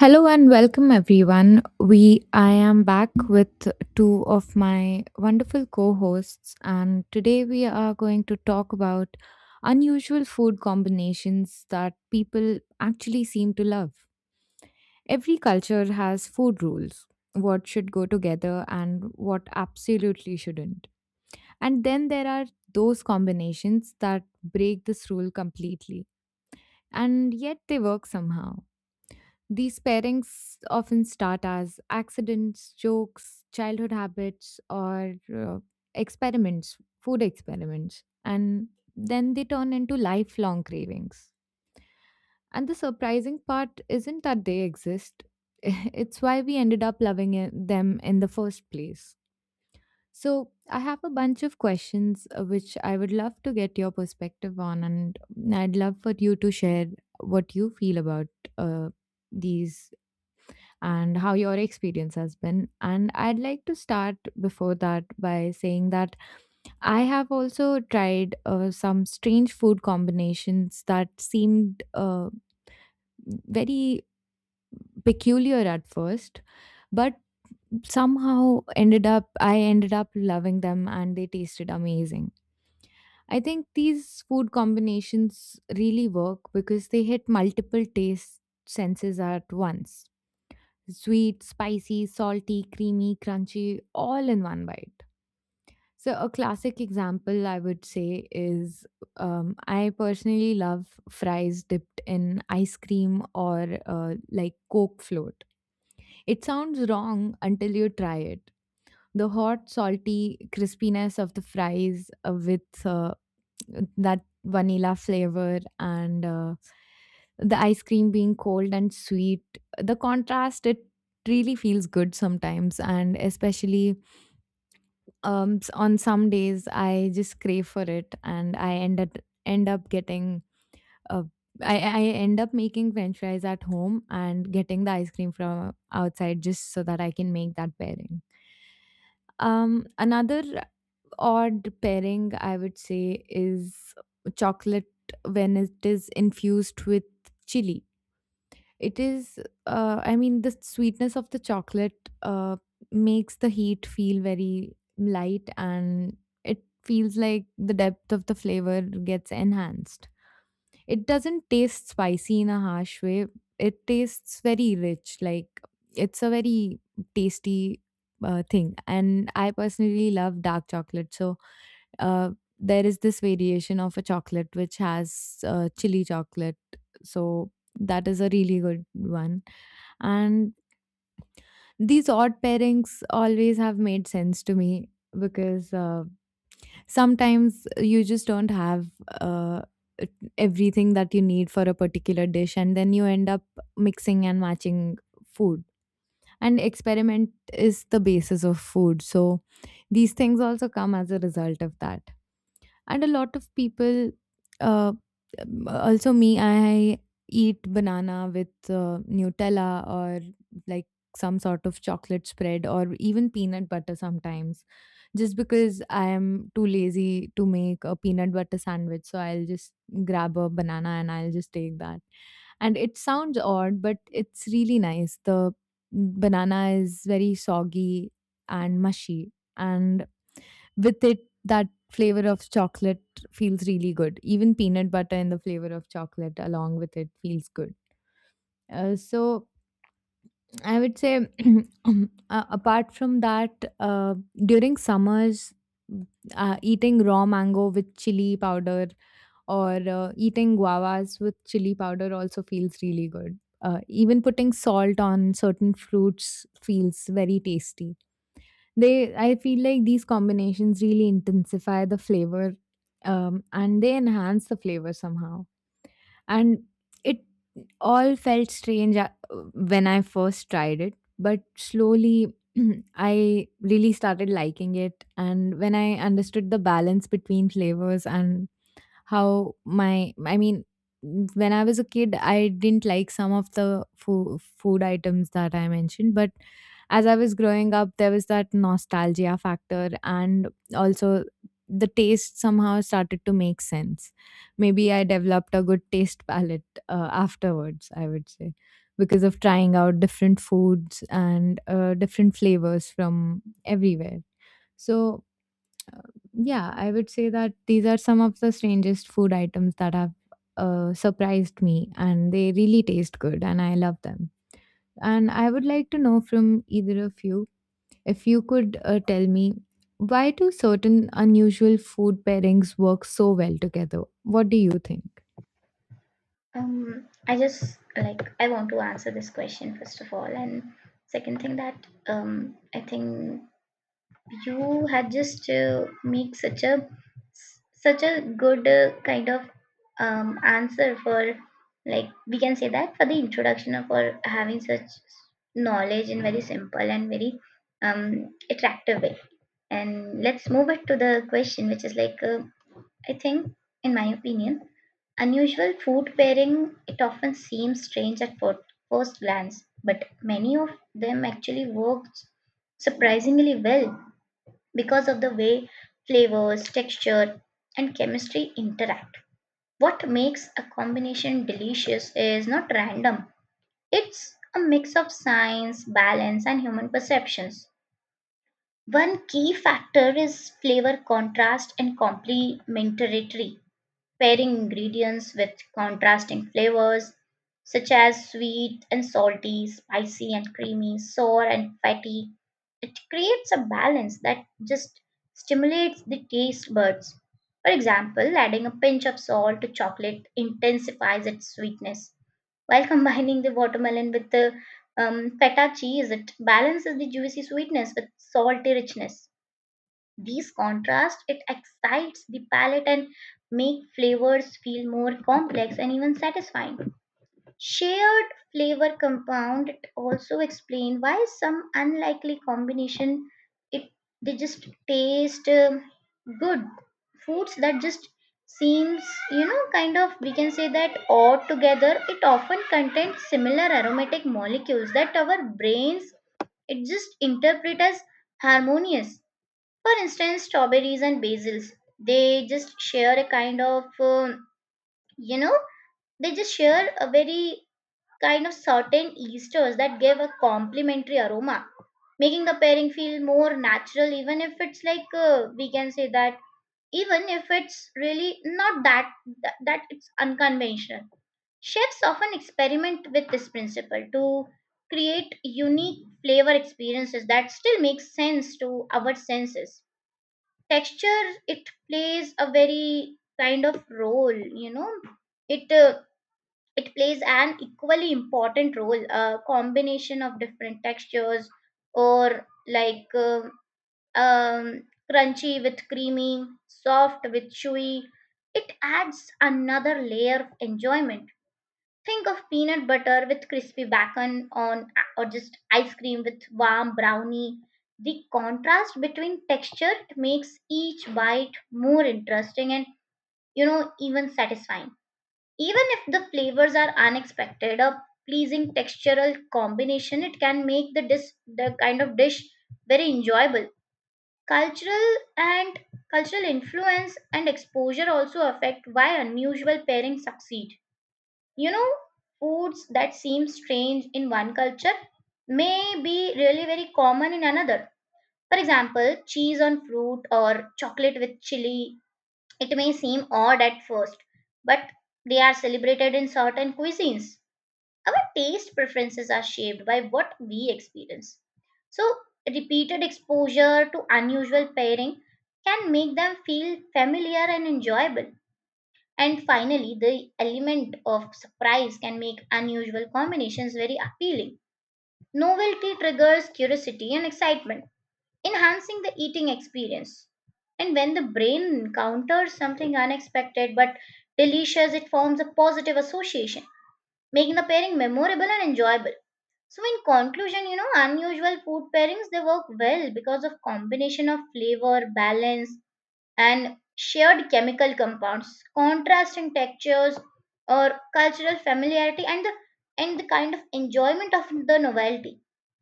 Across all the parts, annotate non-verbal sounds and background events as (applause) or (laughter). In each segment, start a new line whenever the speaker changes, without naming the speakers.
Hello and welcome everyone. We I am back with two of my wonderful co-hosts, and today we are going to talk about unusual food combinations that people actually seem to love. Every culture has food rules, what should go together and what absolutely shouldn't. And then there are those combinations that break this rule completely and yet they work somehow. These pairings often start as accidents, jokes, childhood habits, or experiments, food experiments, and then they turn into lifelong cravings. And the surprising part isn't that they exist, (laughs) it's why we ended up loving them in the first place. So, I have a bunch of questions which I would love to get your perspective on, and I'd love for you to share what you feel about uh, these and how your experience has been. And I'd like to start before that by saying that I have also tried some strange food combinations that seemed very peculiar at first, but I ended up loving them, and they tasted amazing. I think these food combinations really work because they hit multiple taste senses at once: sweet, spicy, salty, creamy, crunchy, all in one bite. So, a classic example I would say is I personally love fries dipped in ice cream, or like Coke float. It sounds wrong until you try it. The hot, salty crispiness of the fries with that vanilla flavor, and the ice cream being cold and sweet, the contrast, it really feels good sometimes. And especially on some days I just crave for it, and I end up getting uh, I end up making french fries at home and getting the ice cream from outside just so that I can make that pairing. Another odd pairing I would say is chocolate when it is infused with chili. It is, I mean, the sweetness of the chocolate makes the heat feel very light, and it feels like the depth of the flavor gets enhanced. It doesn't taste spicy in a harsh way, it tastes very rich, like it's a very tasty thing. And I personally love dark chocolate. So, uh, there is this variation of a chocolate which has chili chocolate. So that is a really good one. And these odd pairings always have made sense to me because sometimes you just don't have uh, e-, everything that you need for a particular dish, and then you end up mixing and matching food. And experiment is the basis of food. So these things also come as a result of that. And a lot of people, uh, also me, I eat banana with nutella, or like some sort of chocolate spread, or even peanut butter sometimes, just because I am too lazy to make a peanut butter sandwich, so I'll just grab a banana and I'll just take that. And it sounds odd, but it's really nice. The banana is very soggy and mushy, and with it that flavor of chocolate feels really good. Even peanut butter and the flavor of chocolate along with it feels good. So I would say, (clears throat) apart from that, during summers, mm, eating raw mango with chili powder, or eating guavas with chili powder also feels really good. Even putting salt on certain fruits feels very tasty. I feel like these combinations really intensify the flavor, and they enhance the flavor somehow. And it all felt strange when I first tried it, but slowly (clears throat) I really started liking it. And when I understood the balance between flavors, and I mean, when I was a kid, I didn't like some of the food items that I mentioned, but as I was growing up, there was that nostalgia factor, and also the taste somehow started to make sense. Maybe I developed a good taste palette afterwards, I would say, because of trying out different foods and different flavors from everywhere. So, uh, yeah, I would say that these are some of the strangest food items that have surprised me, and they really taste good, and I love them. And I would like to know from either of you, if you could tell me, why do certain unusual food pairings work so well together? What do you think?
I just like I want to answer this question first of all, and second thing that I think you had just make such a such a good kind of answer for like we can say that for the introduction of or having such knowledge in very simple and very attractive way. And let's move it to the question, which is like I think, in my opinion. Unusual food pairing, it often seems strange at first glance, but many of them actually work surprisingly well because of the way flavors, texture, and chemistry interact. What makes a combination delicious is not random, it's a mix of science, balance, and human perceptions. One key factor is flavor contrast and complementarity pairing ingredients with contrasting flavors such as sweet and salty, spicy and creamy, sour and fatty. It creates a balance that just stimulates the taste buds. For example, adding a pinch of salt to chocolate intensifies its sweetness, while combining the watermelon with the feta cheese, it balances the juicy sweetness with salty richness. These contrast it excites the palate and make flavors feel more complex and even satisfying. Shared flavor compound also explain why some unlikely combination it they just taste good foods that just seems you know kind of we can say that odd together it often contains similar aromatic molecules that our brains it just interpret as harmonious for instance, strawberries and basils, they just share a kind of, you know, they just share a very kind of certain esters that give a complementary aroma, making the pairing feel more natural, even if it's like, we can say that, even if it's really not that, it's unconventional. Chefs often experiment with this principle to create unique flavor experiences that still make sense to our senses texture it plays a very kind of role you know it it plays an equally important role a combination of different textures or like um, crunchy with creamy soft with chewy it adds another layer of enjoyment. Think of peanut butter with crispy bacon on, or just ice cream with warm brownie. The contrast between texture makes each bite more interesting and, you know, even satisfying. Even if the flavors are unexpected, a pleasing textural combination, it can make the dish, the kind of dish very enjoyable. Cultural and cultural influence and exposure also affect why unusual pairings succeed you know, foods that seem strange in one culture may be really very common in another. For example, cheese on fruit or chocolate with chili, it may seem odd at first, but they are celebrated in certain cuisines. Our taste preferences are shaped by what we experience. So, repeated exposure to unusual pairing can make them feel familiar and enjoyable. And finally, the element of surprise can make unusual combinations very appealing. Novelty triggers curiosity and excitement, enhancing the eating experience. And when the brain encounters something unexpected but delicious, it forms a positive association, making the pairing memorable and enjoyable. So, in conclusion, you know, unusual food pairings they work well because of combination of flavor, balance, and shared chemical compounds, contrasting textures or cultural familiarity and the kind of enjoyment of the novelty.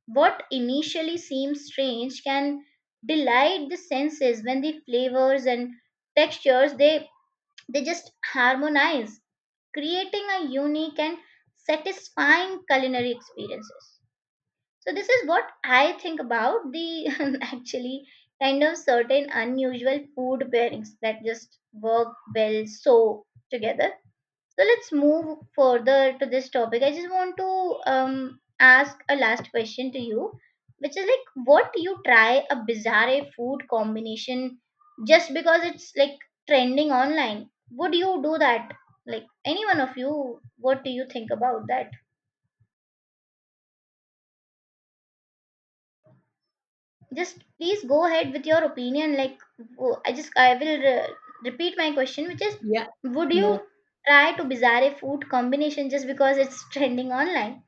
What initially seems strange can delight the senses when the flavors and textures they just harmonize, creating a unique and satisfying culinary experiences. So this is what I think about the (laughs) actually kind of certain unusual food pairings that just work well so together. So let's move further to this topic. I just want to ask a last question to you, which is like, what do you try a bizarre food combination just because it's like trending online? Would you do that? Like any one of you, what do you think about that? Just please go ahead with your opinion. Like, I will repeat my question, which is,
Yeah.
would
No,
you try to bizarre food combination just because it's trending online?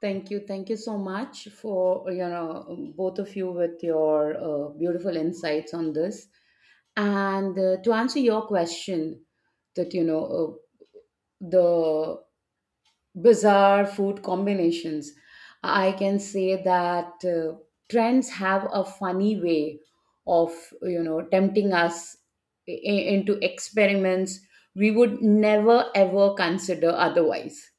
thank you. Thank you so much for, both of you with your beautiful insights on this. And to answer your question, that, uh, the bizarre food combinations, I can say that trends have a funny way of, tempting us i- into experiments we would never ever consider otherwise.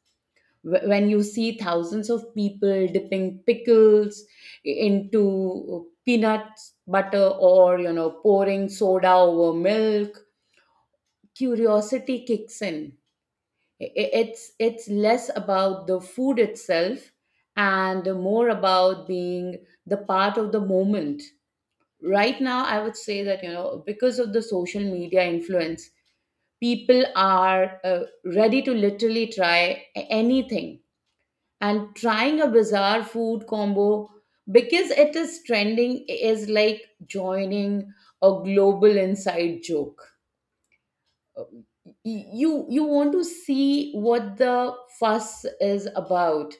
When you see thousands of people dipping pickles into peanuts butter, or pouring soda over milk, curiosity kicks in. It's less about the food itself and more about being the part of the moment. Right now, I would say that, because of the social media influence, people are ready to literally try anything, and trying a bizarre food combo because it is trending is like joining a global inside joke. Um, y- you you want to see what the fuss is about,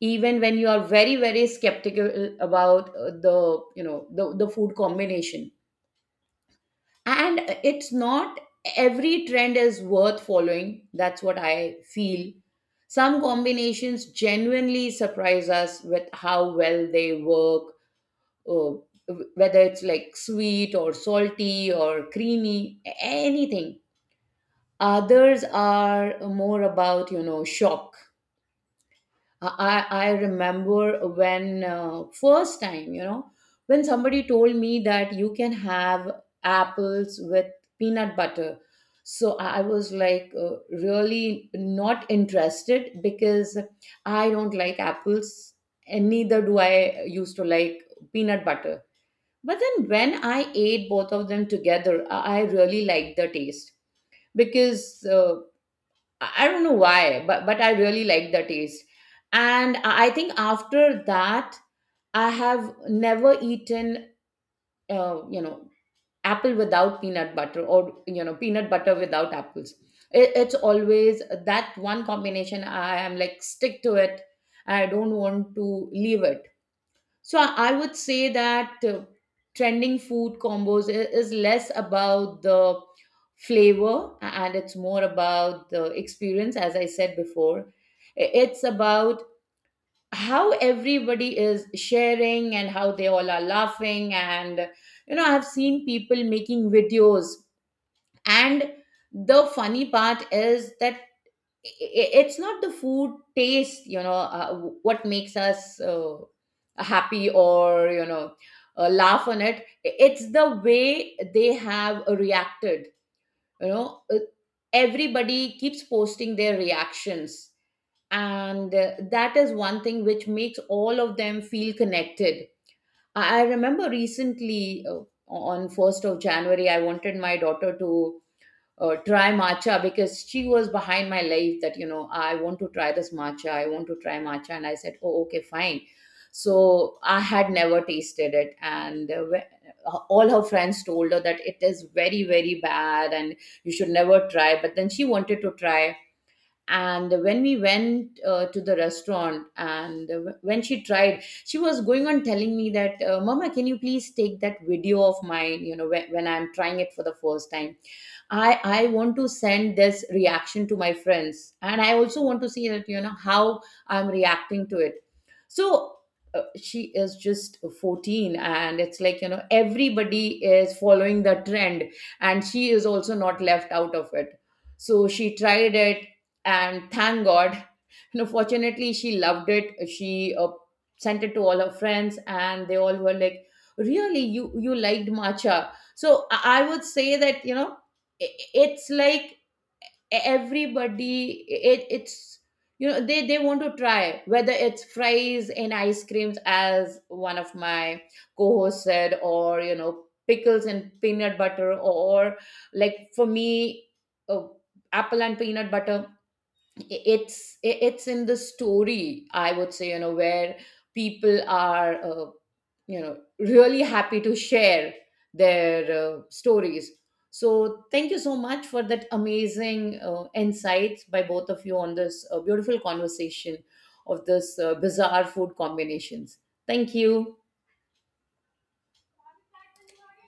even when you are very very skeptical about the the food combination. And it's not every trend is worth following. That's what I feel. Some combinations genuinely surprise us with how well they work, whether it's like sweet or salty or creamy, anything. Others are more about shock. I remember when, first time, when somebody told me that you can have apples with peanut butter. So I was like, really not interested, because I don't like apples, and neither do I used to like peanut butter. But then when I ate both of them together, I really liked the taste, because I don't know why, but I really like the taste. And I think after that, I have never eaten, uh, you know, apple without peanut butter, or peanut butter without apples. It's always that one combination. I am like stick to it. I don't want to leave it. So I would say that trending food combos is less about the flavor and it's more about the experience, as I said before. It's about how everybody is sharing and how they all are laughing. And, I've seen people making videos. And the funny part is that i- it's not the food taste, uh, what makes us happy, or laugh on it. It's the way they have reacted. you know Uh, Everybody keeps posting their reactions, and that is one thing which makes all of them feel connected. I remember recently, on 1st of January I wanted my daughter to try matcha, because she was behind my life that, I want to try this matcha, I want to try matcha. And I said, oh, okay, fine. So I had never tasted it, and all her friends told her that it is very very bad, and you should never try, but then she wanted to try. And when we went, to the restaurant, and when she tried, she was going on telling me that, mama, can you please take that video of mine, when I'm trying it for the first time. I want to send this reaction to my friends, and I also want to see that, how I'm reacting to it. So she is just 14, and it's like, everybody is following the trend, and she is also not left out of it. So she tried it, and thank god, fortunately she loved it. She sent it to all her friends, and they all were like, really, you liked matcha? So I would say that, i- it's like everybody, it, it's they want to try, whether it's fries and ice creams, as one of my co-hosts said, or, pickles and peanut butter, or, like for me, uh, apple and peanut butter. It's it's in the story, I would say, where people are, really happy to share their stories. So thank you so much for that amazing insights by both of you on this beautiful conversation of this bizarre food combinations. Thank you.